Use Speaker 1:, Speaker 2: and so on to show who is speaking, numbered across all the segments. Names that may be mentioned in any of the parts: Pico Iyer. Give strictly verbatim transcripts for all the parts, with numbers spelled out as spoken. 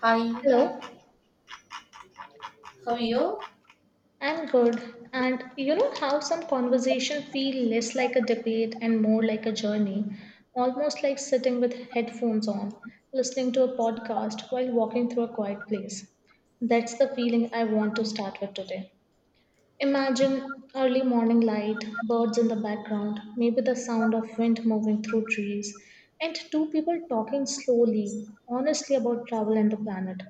Speaker 1: Hi,
Speaker 2: Hello,
Speaker 1: how are you?
Speaker 2: I'm good. And you know how some conversation feel less like a debate and more like a journey, almost like sitting with headphones on, listening to a podcast while walking through a quiet place. That's the feeling I want to start with today. Imagine early morning light, birds in the background, maybe the sound of wind moving through trees, and two people talking slowly, honestly about travel and the planet.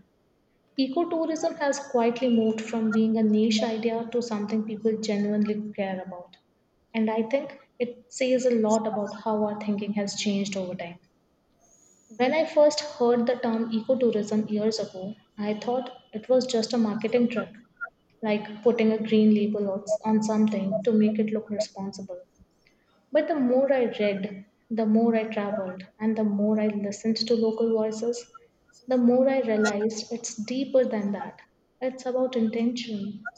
Speaker 2: Ecotourism has quietly moved from being a niche idea to something people genuinely care about. And I think it says a lot about how our thinking has changed over time. When I first heard the term ecotourism years ago, I thought it was just a marketing trick, like putting a green label on on something to make it look responsible. But the more I read, the more I traveled, and the more I listened to local voices, the more I realized it's deeper than that. It's about intention,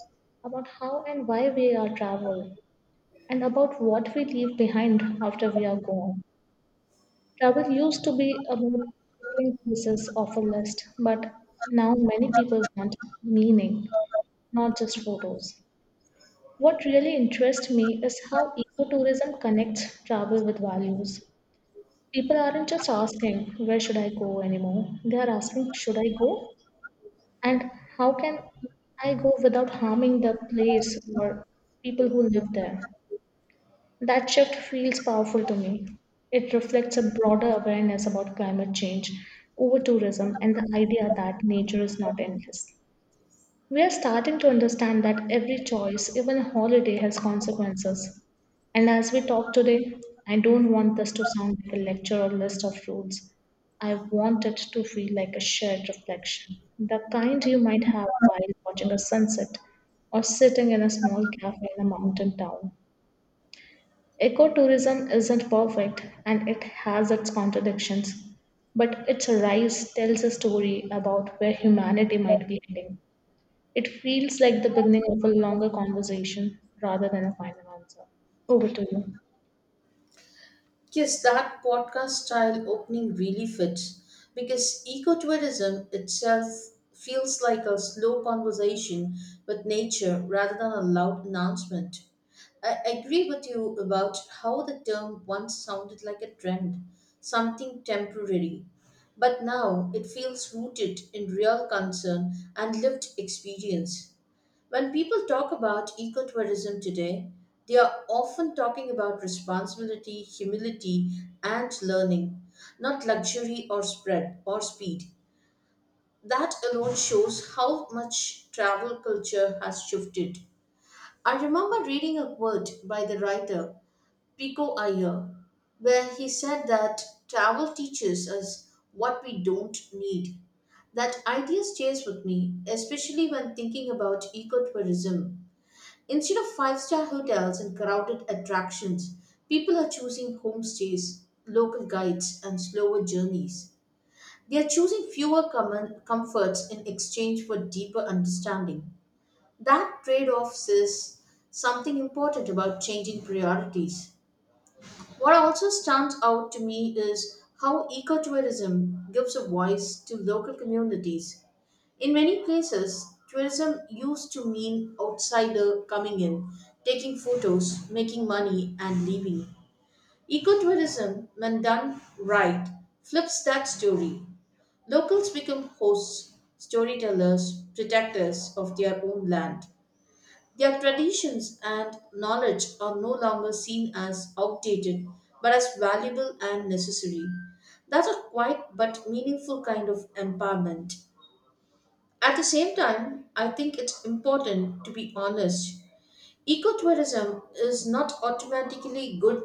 Speaker 2: about how and why we are travel, and about what we leave behind after we are gone. Travel used to be about ticking pieces off a list, but now many people want meaning, not just photos. What really interests me is how ecotourism connects travel with values. People aren't just asking, where should I go anymore? They are asking, should I go? And how can I go without harming the place or people who live there? That shift feels powerful to me. It reflects a broader awareness about climate change, over tourism, and the idea that nature is not endless. We are starting to understand that every choice, even a holiday, has consequences. And as we talk today, I don't want this to sound like a lecture or list of rules. I want it to feel like a shared reflection, the kind you might have while watching a sunset or sitting in a small cafe in a mountain town. Ecotourism isn't perfect and it has its contradictions, but its rise tells a story about where humanity might be heading. It feels like the beginning of a longer conversation rather than a final answer. Over to you.
Speaker 1: Yes, that podcast style opening really fits because ecotourism itself feels like a slow conversation with nature rather than a loud announcement. I agree with you about how the term once sounded like a trend, something temporary, but now it feels rooted in real concern and lived experience. When people talk about ecotourism today, they are often talking about responsibility, humility, and learning, not luxury or spread or speed. That alone shows how much travel culture has shifted. I remember reading a quote by the writer Pico Iyer, where he said that travel teaches us what we don't need. That idea stays with me, especially when thinking about ecotourism. Instead of five star hotels and crowded attractions, people are choosing homestays, local guides, and slower journeys. They are choosing fewer common comforts in exchange for deeper understanding. That trade off says something important about changing priorities. What also stands out to me is how ecotourism gives a voice to local communities. In many places, tourism used to mean outsider coming in, taking photos, making money, and leaving. Ecotourism, when done right, flips that story. Locals become hosts, storytellers, protectors of their own land. Their traditions and knowledge are no longer seen as outdated, but as valuable and necessary. That's a quiet but meaningful kind of empowerment. At the same time, I think it's important to be honest. Ecotourism is not automatically good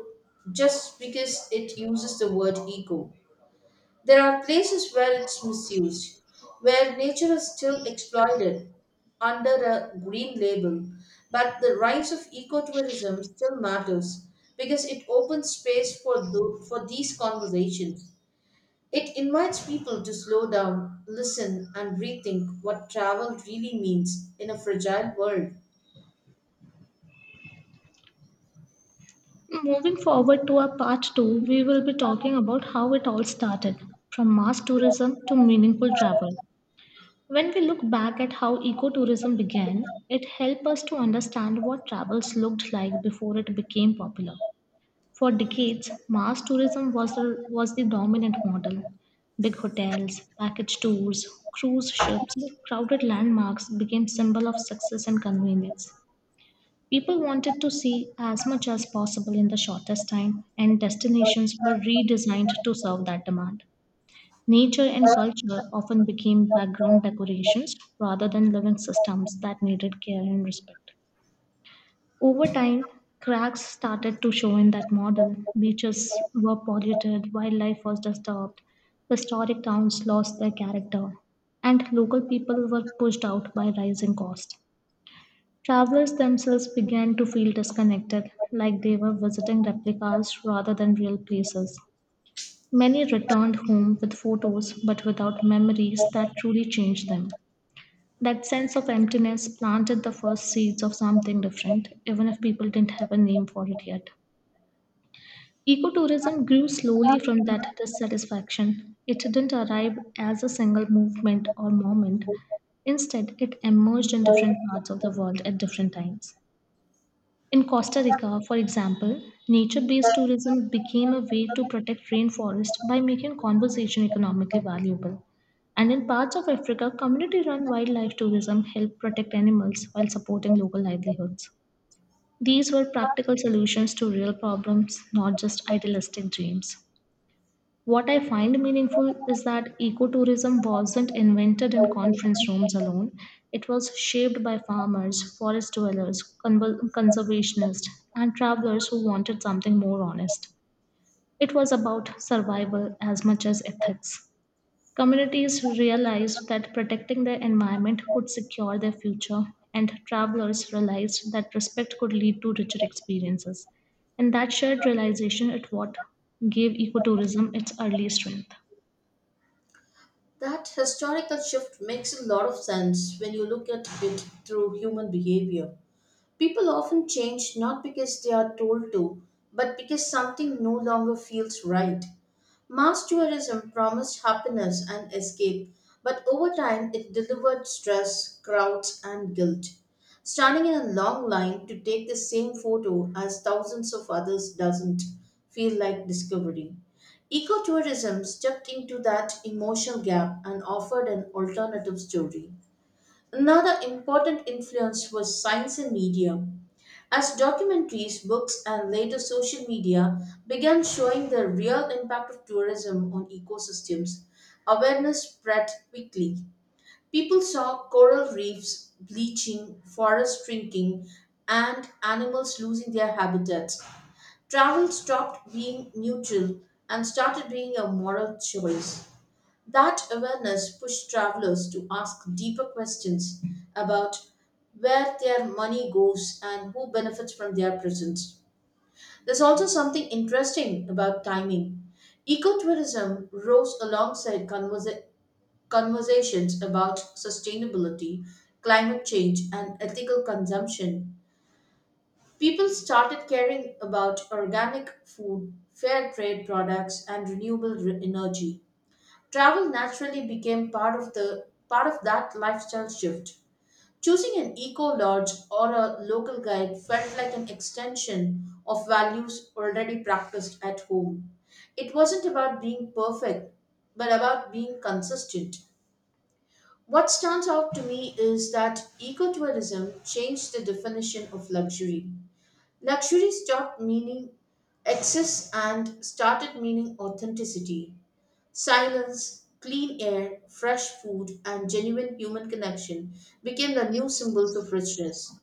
Speaker 1: just because it uses the word eco. There are places where it's misused, where nature is still exploited under a green label, but the rise of ecotourism still matters because it opens space for, tho- for these conversations. It invites people to slow down, listen, and rethink what travel really means in a fragile world.
Speaker 2: Moving forward to our part two, we will be talking about how it all started from mass tourism to meaningful travel. When we look back at how ecotourism began, it helped us to understand what travels looked like before it became popular. For decades, mass tourism was the, was the dominant model. Big hotels, package tours, cruise ships, crowded landmarks became symbol of success and convenience. People wanted to see as much as possible in the shortest time, and destinations were redesigned to serve that demand. Nature and culture often became background decorations rather than living systems that needed care and respect. Over time, cracks started to show in that model. Beaches were polluted, wildlife was disturbed, historic towns lost their character, and local people were pushed out by rising costs. Travelers themselves began to feel disconnected, like they were visiting replicas rather than real places. Many returned home with photos but without memories that truly changed them. That sense of emptiness planted the first seeds of something different, even if people didn't have a name for it yet. Ecotourism grew slowly from that dissatisfaction. It didn't arrive as a single movement or moment. Instead, it emerged in different parts of the world at different times. In Costa Rica, for example, nature based tourism became a way to protect rainforest by making conservation economically valuable. And in parts of Africa, community run wildlife tourism helped protect animals while supporting local livelihoods. These were practical solutions to real problems, not just idealistic dreams. What I find meaningful is that ecotourism wasn't invented in conference rooms alone. It was shaped by farmers, forest dwellers, con- conservationists, and travelers who wanted something more honest. It was about survival as much as ethics. Communities realized that protecting their environment could secure their future, and travelers realized that respect could lead to richer experiences. And that shared realization is what gave ecotourism its early strength.
Speaker 1: That historical shift makes a lot of sense when you look at it through human behavior. People often change not because they are told to, but because something no longer feels right. Mass tourism promised happiness and escape, but over time it delivered stress, crowds, and guilt. Standing in a long line to take the same photo as thousands of others doesn't feel like discovery. Ecotourism stepped into that emotional gap and offered an alternative story. Another important influence was science and media. As documentaries, books, and later social media began showing the real impact of tourism on ecosystems, awareness spread quickly. People saw coral reefs bleaching, forests shrinking, and animals losing their habitats. Travel stopped being neutral and started being a moral choice. That awareness pushed travelers to ask deeper questions about where their money goes and who benefits from their presence. There's also something interesting about timing. Ecotourism rose alongside conversa- conversations about sustainability, climate change, and ethical consumption. People started caring about organic food, fair trade products, and renewable re- energy. Travel naturally became part of the part of that lifestyle shift. Choosing an eco lodge or a local guide felt like an extension of values already practiced at home. It wasn't about being perfect, but about being consistent. What stands out to me is that ecotourism changed the definition of luxury. Luxury stopped meaning excess and started meaning authenticity. Silence, clean air, fresh food, and genuine human connection became the new symbols of richness.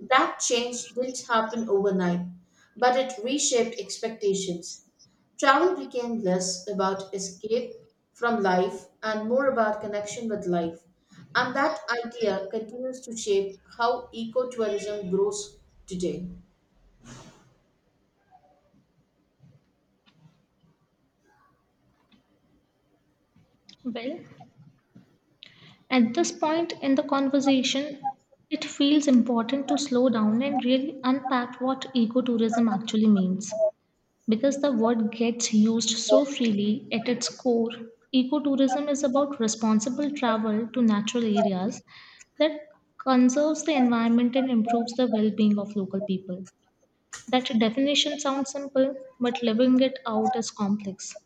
Speaker 1: That change didn't happen overnight, but it reshaped expectations. Travel became less about escape from life and more about connection with life. And that idea continues to shape how ecotourism grows today.
Speaker 2: Well, at this point in the conversation, it feels important to slow down and really unpack what ecotourism actually means. Because the word gets used so freely at its core, ecotourism is about responsible travel to natural areas that conserves the environment and improves the well being of local people. That definition sounds simple, but living it out is complex.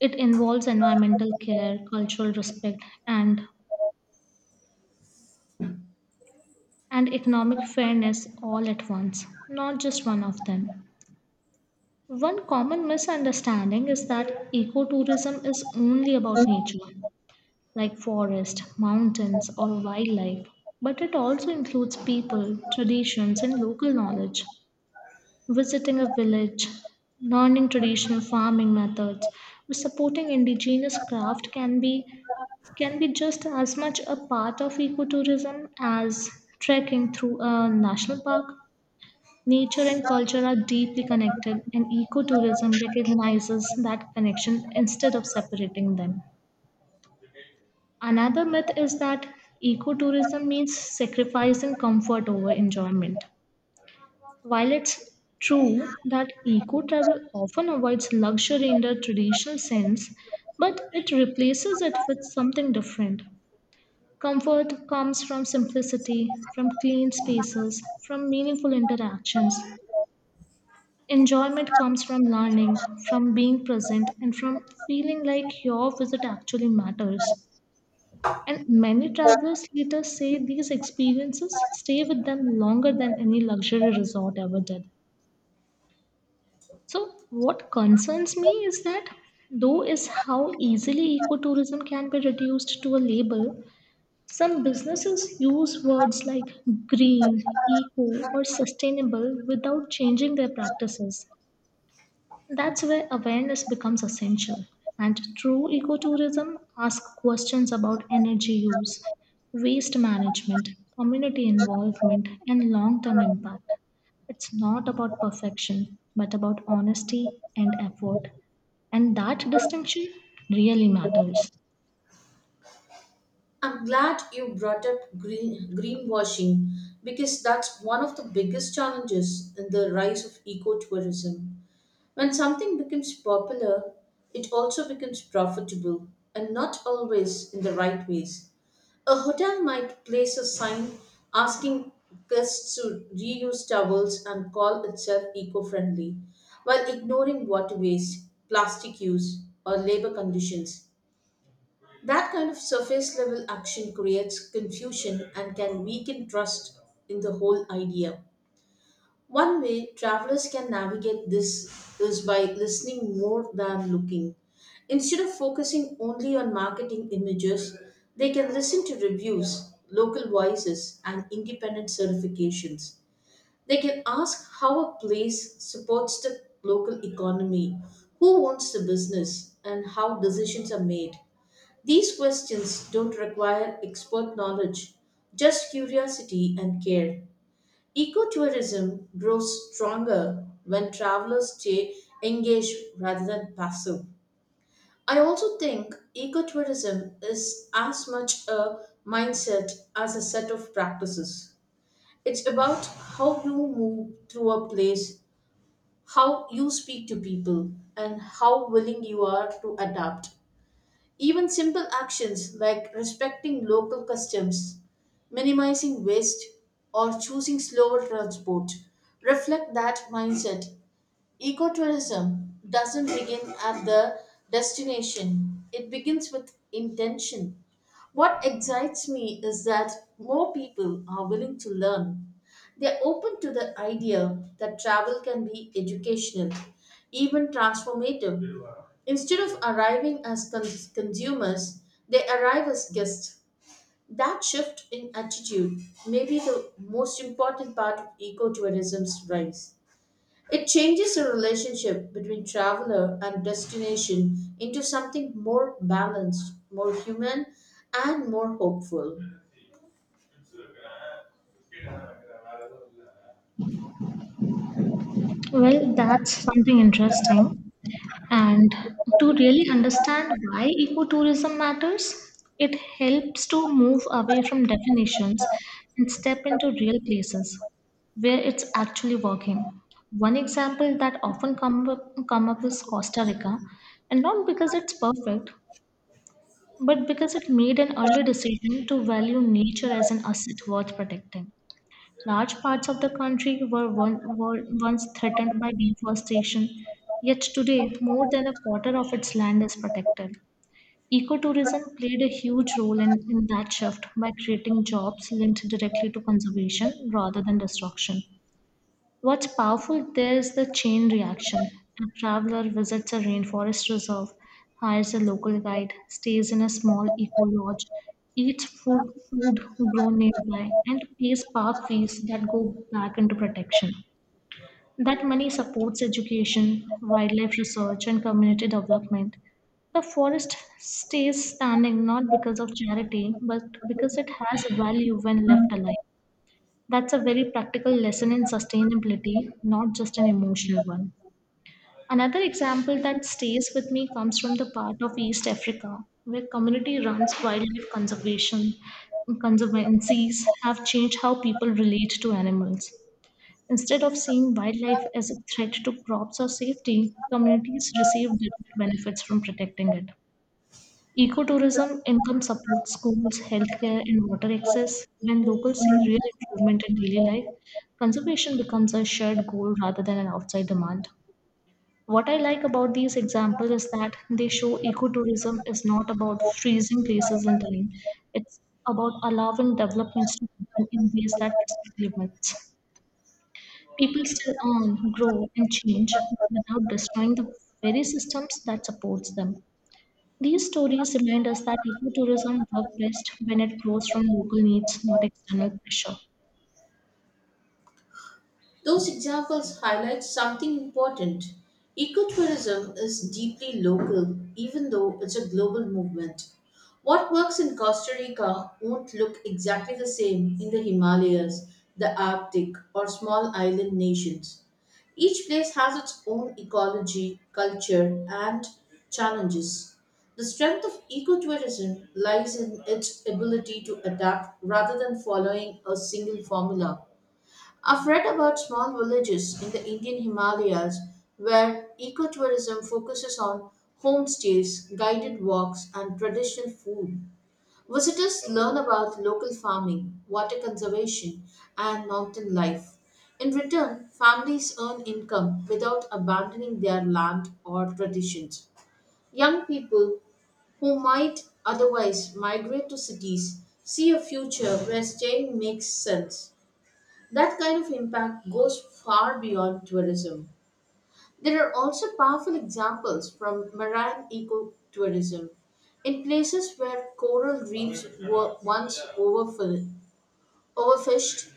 Speaker 2: It involves environmental care, cultural respect, and and economic fairness all at once, not just one of them. One common misunderstanding is that ecotourism is only about nature, like forest, mountains, or wildlife, but it also includes people, traditions, and local knowledge. Visiting a village, learning traditional farming methods, or supporting indigenous craft can be can be just as much a part of ecotourism as trekking through a national park. Nature and culture are deeply connected, and ecotourism recognizes that connection instead of separating them. Another myth is that ecotourism means sacrificing comfort over enjoyment. While it's true that eco travel often avoids luxury in the traditional sense, but it replaces it with something different. Comfort comes from simplicity, from clean spaces, from meaningful interactions. Enjoyment comes from learning, from being present, and from feeling like your visit actually matters. And many travelers later say these experiences stay with them longer than any luxury resort ever did. So, what concerns me is that though is how easily ecotourism can be reduced to a label, some businesses use words like green, eco, or sustainable without changing their practices. That's where awareness becomes essential. And true ecotourism asks questions about energy use, waste management, community involvement, and long term impact. It's not about perfection, but about honesty and effort. And that distinction really matters.
Speaker 1: I'm glad you brought up green greenwashing because that's one of the biggest challenges in the rise of ecotourism. When something becomes popular, it also becomes profitable and not always in the right ways. A hotel might place a sign asking guests to reuse towels and call itself eco friendly, while ignoring water waste, plastic use, or labor conditions. That kind of surface level action creates confusion and can weaken trust in the whole idea. One way travelers can navigate this is by listening more than looking. Instead of focusing only on marketing images, they can listen to reviews, local voices, and independent certifications. They can ask how a place supports the local economy, who owns the business, and how decisions are made. These questions don't require expert knowledge, just curiosity and care. Ecotourism grows stronger when travelers stay engaged rather than passive. I also think ecotourism is as much a mindset as a set of practices. It's about how you move through a place, how you speak to people, and how willing you are to adapt. Even simple actions like respecting local customs, minimizing waste, or choosing slower transport reflect that mindset. Ecotourism doesn't begin at the destination, it begins with intention. What excites me is that more people are willing to learn. They're open to the idea that travel can be educational, even transformative. Instead of arriving as cons- consumers, they arrive as guests. That shift in attitude may be the most important part of ecotourism's rise. It changes the relationship between traveler and destination into something more balanced, more human, and more hopeful.
Speaker 2: Well, that's something interesting. And to really understand why ecotourism matters, it helps to move away from definitions and step into real places where it's actually working. One example that often come up, come up is Costa Rica, and not because it's perfect, but because it made an early decision to value nature as an asset worth protecting. Large parts of the country were, one, were once threatened by deforestation, yet today more than a quarter of its land is protected. Ecotourism played a huge role in, in that shift by creating jobs linked directly to conservation rather than destruction. What's powerful there is the chain reaction. A traveler visits a rainforest reserve, hires a local guide, stays in a small eco lodge, eats food, food grown nearby, and pays park fees that go back into protection. That money supports education, wildlife research, and community development. The forest stays standing not because of charity, but because it has a value when left alive. That's a very practical lesson in sustainability, not just an emotional one. Another example that stays with me comes from the part of East Africa where community runs wildlife conservation conservancies have changed how people relate to animals. Instead of seeing wildlife as a threat to crops or safety, communities receive direct benefits from protecting it. Ecotourism income supports schools, healthcare, and water access. When locals see real improvement in daily life, conservation becomes a shared goal rather than an outside demand. What I like about these examples is that they show ecotourism is not about freezing places in time, it's about allowing developments to happen in ways that respect limits. People still earn, grow, and change without destroying the very systems that supports them. These stories remind us that ecotourism works best when it grows from local needs, not external pressure.
Speaker 1: Those examples highlight something important. Ecotourism is deeply local, even though it's a global movement. What works in Costa Rica won't look exactly the same in the Himalayas, the Arctic, or small island nations. Each place has its own ecology, culture, and challenges. The strength of ecotourism lies in its ability to adapt rather than following a single formula. I've read about small villages in the Indian Himalayas where ecotourism focuses on homestays, guided walks, and traditional food. Visitors learn about local farming, water conservation, and mountain life. In return, families earn income without abandoning their land or traditions. Young people who might otherwise migrate to cities see a future where staying makes sense. That kind of impact goes far beyond tourism. There are also powerful examples from marine ecotourism in places where coral reefs were once overfill- overfished.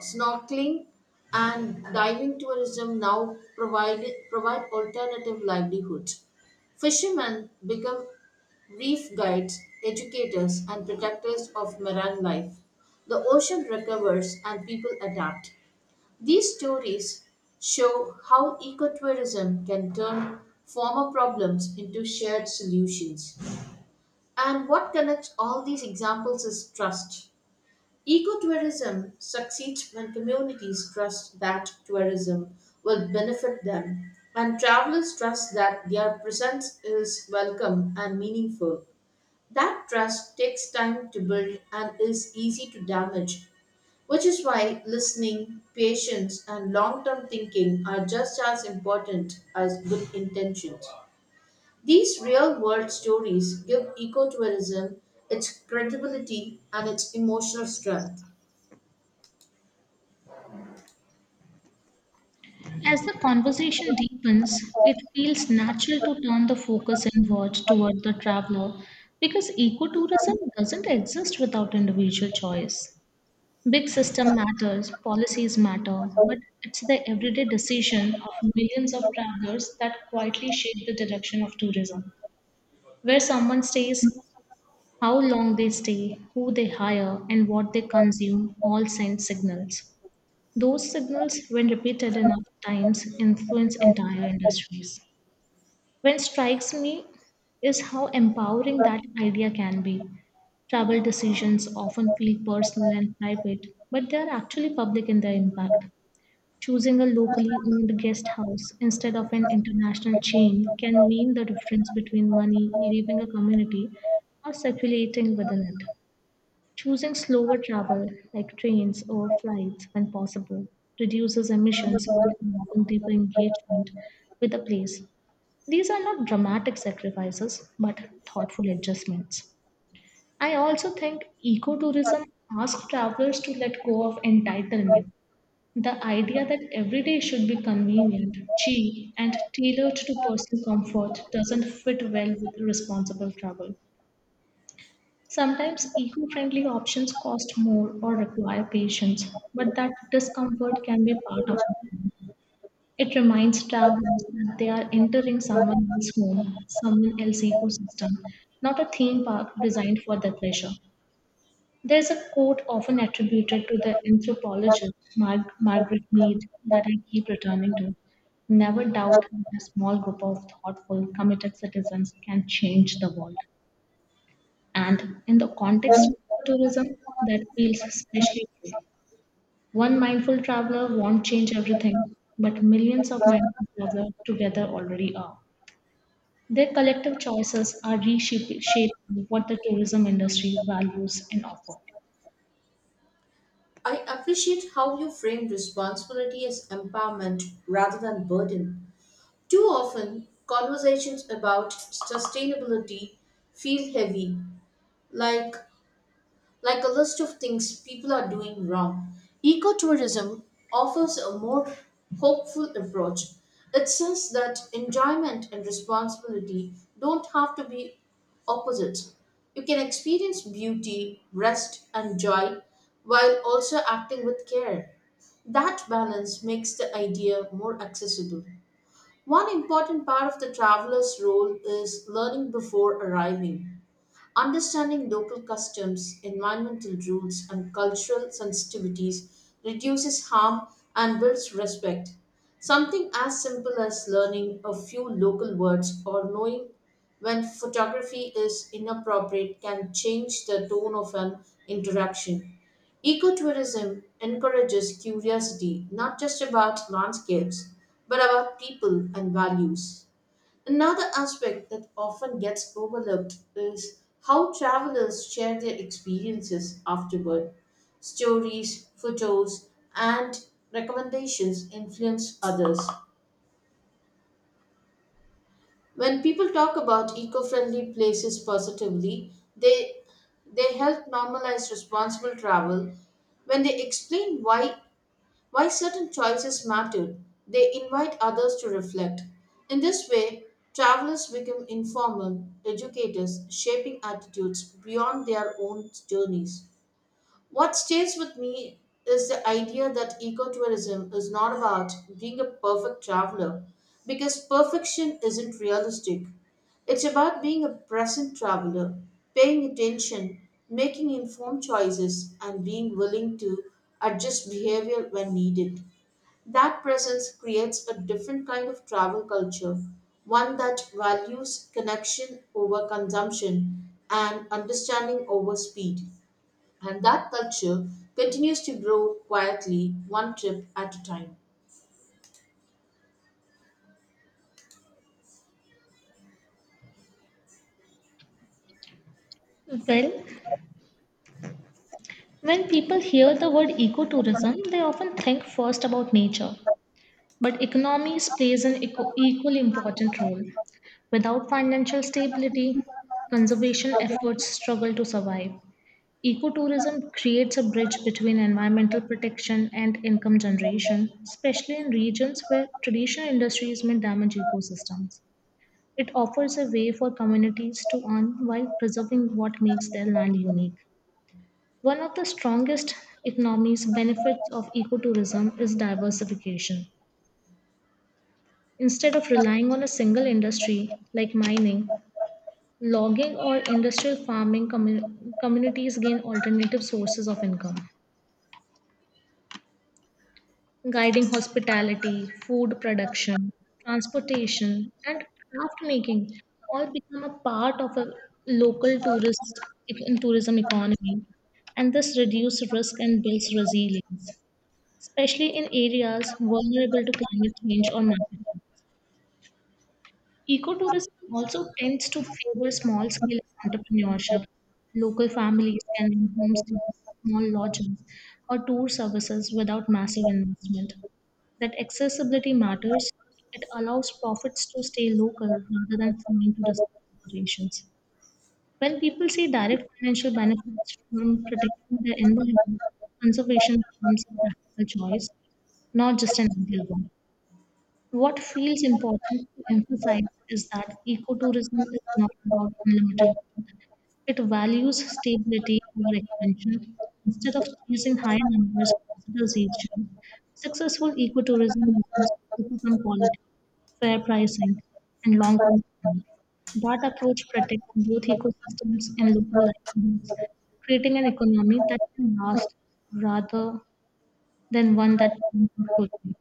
Speaker 1: Snorkeling and diving tourism now provide, provide alternative livelihoods. Fishermen become reef guides, educators, and protectors of marine life. The ocean recovers and people adapt. These stories show how ecotourism can turn former problems into shared solutions. And what connects all these examples is trust. Ecotourism succeeds when communities trust that tourism will benefit them, and travelers trust that their presence is welcome and meaningful. That trust takes time to build and is easy to damage, which is why listening, patience, and long term thinking are just as important as good intentions. These real world stories give ecotourism its credibility and its emotional strength.
Speaker 2: As the conversation deepens, it feels natural to turn the focus inward toward the traveler because ecotourism doesn't exist without individual choice. Big system matters, policies matter, but it's the everyday decision of millions of travelers that quietly shape the direction of tourism. Where someone stays, how long they stay, who they hire, and what they consume all send signals. Those signals, when repeated enough times, influence entire industries. What strikes me is how empowering that idea can be. Travel decisions often feel personal and private, but they are actually public in their impact. Choosing a locally owned guest house instead of an international chain can mean the difference between money leaving a community or circulating within it. Choosing slower travel, like trains or flights when possible, reduces emissions while promoting deeper engagement with the place. These are not dramatic sacrifices, but thoughtful adjustments. I also think ecotourism asks travelers to let go of entitlement. The idea that every day should be convenient, cheap, and tailored to personal comfort doesn't fit well with responsible travel. Sometimes eco friendly options cost more or require patience, but that discomfort can be part of it. It reminds travelers that they are entering someone else's home, someone else's ecosystem, not a theme park designed for their pleasure. There's a quote often attributed to the anthropologist Mar- Margaret Mead that I keep returning to. Never doubt that a small group of thoughtful, committed citizens can change the world. And in the context of tourism, that feels especially true. One mindful traveler won't change everything, but millions of mindful travelers together already are. Their collective choices are reshaping shaping what the tourism industry values and offer.
Speaker 1: I appreciate how you frame responsibility as empowerment rather than burden. Too often, conversations about sustainability feel heavy, like like a list of things people are doing wrong. Ecotourism offers a more hopeful approach. It says that enjoyment and responsibility don't have to be opposites. You can experience beauty, rest, and joy while also acting with care. That balance makes the idea more accessible. One important part of the traveler's role is learning before arriving. Understanding local customs, environmental rules, and cultural sensitivities reduces harm and builds respect. Something as simple as learning a few local words or knowing when photography is inappropriate can change the tone of an interaction. Ecotourism encourages curiosity not just about landscapes, but about people and values. Another aspect that often gets overlooked is how travelers share their experiences afterward. Stories, photos, and recommendations influence others. When people talk about eco-friendly places positively, they they help normalize responsible travel. When they explain why while certain choices matter, they invite others to reflect. In this way, travelers become informal educators, shaping attitudes beyond their own journeys. What stays with me is the idea that ecotourism is not about being a perfect traveler because perfection isn't realistic. It's about being a present traveler, paying attention, making informed choices, and being willing to adjust behavior when needed. That presence creates a different kind of travel culture, one that values connection over consumption and understanding over speed. And that culture continues to grow quietly, one trip at a time.
Speaker 2: Well, when people hear the word ecotourism, they often think first about nature. But economies plays an eco- equally important role. Without financial stability, conservation efforts struggle to survive. Ecotourism creates a bridge between environmental protection and income generation, especially in regions where traditional industries may damage ecosystems. It offers a way for communities to earn while preserving what makes their land unique. One of the strongest economies benefits of ecotourism is diversification. Instead of relying on a single industry like mining, logging or industrial farming commu- communities gain alternative sources of income. Guiding hospitality, food production, transportation, and craft making all become a part of a local tourist tourism economy. And this reduces risk and builds resilience, especially in areas vulnerable to climate change or market. Ecotourism also tends to favor small scale entrepreneurship. Local families can run homestays, small lodges, or tour services without massive investment. That accessibility matters. It allows profits to stay local rather than flowing to distant corporations. When people see direct financial benefits from protecting their environment, conservation becomes a practical choice, not just an ideal one. What feels important to emphasize is that ecotourism is not about unlimited growth. It values stability over expansion. Instead of chasing high numbers of visitors each year, successful ecotourism models focus on quality, fair pricing, and long-term planning. That approach protects both ecosystems and local livelihoods, creating an economy that can last rather than one that ends quickly.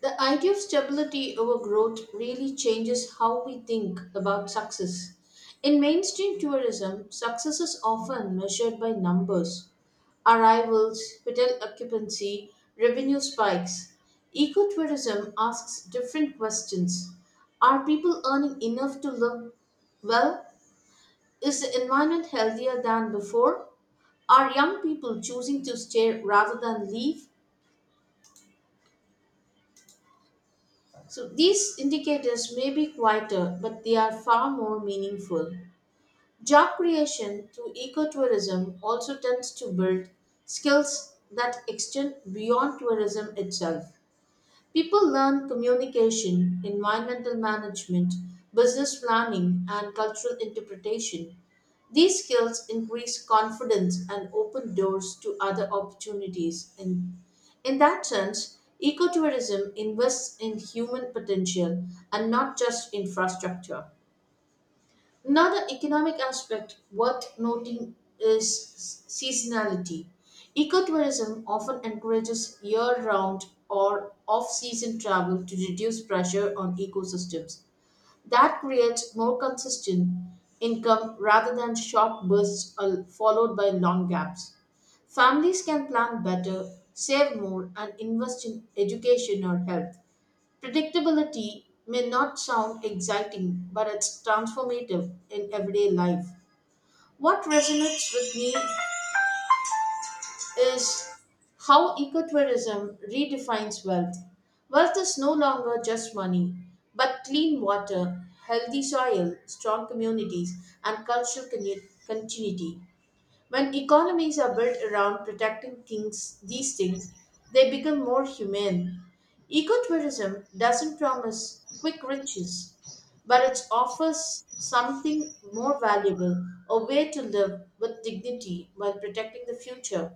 Speaker 1: The idea of stability over growth really changes how we think about success. In mainstream tourism, success is often measured by numbers: arrivals, hotel occupancy, revenue spikes. Ecotourism asks different questions. Are people earning enough to live well? Is the environment healthier than before? Are young people choosing to stay rather than leave? So these indicators may be quieter, but they are far more meaningful. Job creation through ecotourism also tends to build skills that extend beyond tourism itself. People learn communication, environmental management, business planning, and cultural interpretation. These skills increase confidence and open doors to other opportunities. In, in that sense, ecotourism invests in human potential and not just infrastructure. Another economic aspect worth noting is seasonality. Ecotourism often encourages year round or off season travel to reduce pressure on ecosystems. That creates more consistent income rather than short bursts uh, followed by long gaps. Families can plan better, save more, and invest in education or health. Predictability may not sound exciting, but it's transformative in everyday life. What resonates with me is how ecotourism redefines wealth. Wealth is no longer just money, but clean water, healthy soil, strong communities, and cultural connu- continuity. When economies are built around protecting things, these things, they become more humane. Ecotourism doesn't promise quick riches, but it offers something more valuable, a way to live with dignity while protecting the future.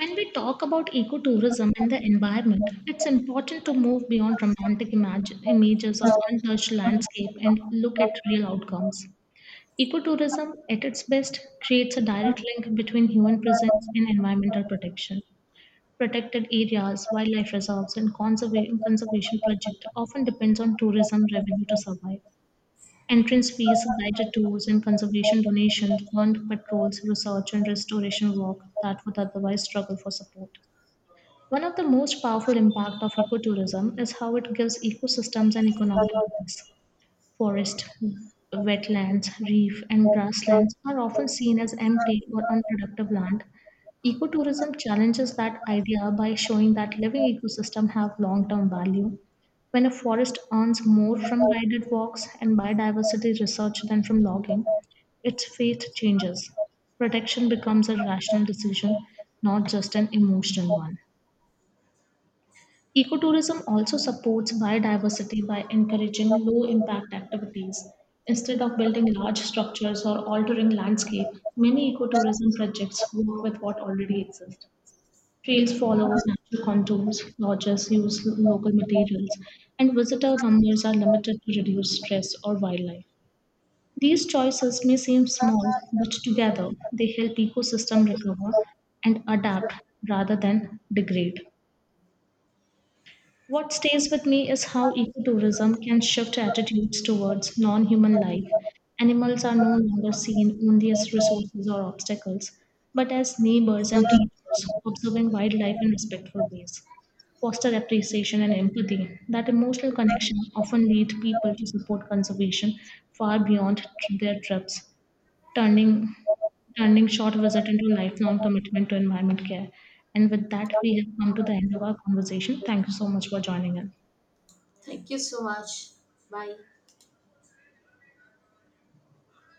Speaker 2: When we talk about ecotourism and the environment, it's important to move beyond romantic imag- images of untouched landscape and look at real outcomes. Ecotourism, at its best, creates a direct link between human presence and environmental protection. Protected areas, wildlife reserves, and conserva- conservation projects often depends on tourism revenue to survive. Entrance fees, guided tours, and conservation donations fund patrols, research, and restoration work that would otherwise struggle for support. One of the most powerful impact of ecotourism is how it gives ecosystems an economic voice. Forest, wetlands, reef, and grasslands are often seen as empty or unproductive land. Ecotourism challenges that idea by showing that living ecosystems have long-term value. When a forest earns more from guided walks and biodiversity research than from logging, its fate changes. Protection becomes a rational decision, not just an emotional one. Ecotourism also supports biodiversity by encouraging low impact activities. Instead of building large structures or altering landscape, many ecotourism projects work with what already exists. Trails follow natural contours, lodges use lo- local materials, and visitor numbers are limited to reduce stress or wildlife. These choices may seem small, but together they help ecosystem recover and adapt rather than degrade. What stays with me is how ecotourism can shift attitudes towards non human life. Animals are no longer seen only as resources or obstacles, but as neighbors and teachers, observing wildlife in respectful ways. Foster appreciation and empathy. That emotional connection often lead people to support conservation far beyond tr- their trips turning turning short visit into lifelong commitment to environment care. And with that, we have come to the end of our conversation. Thank you so much for joining us.
Speaker 1: Thank you so much. Bye.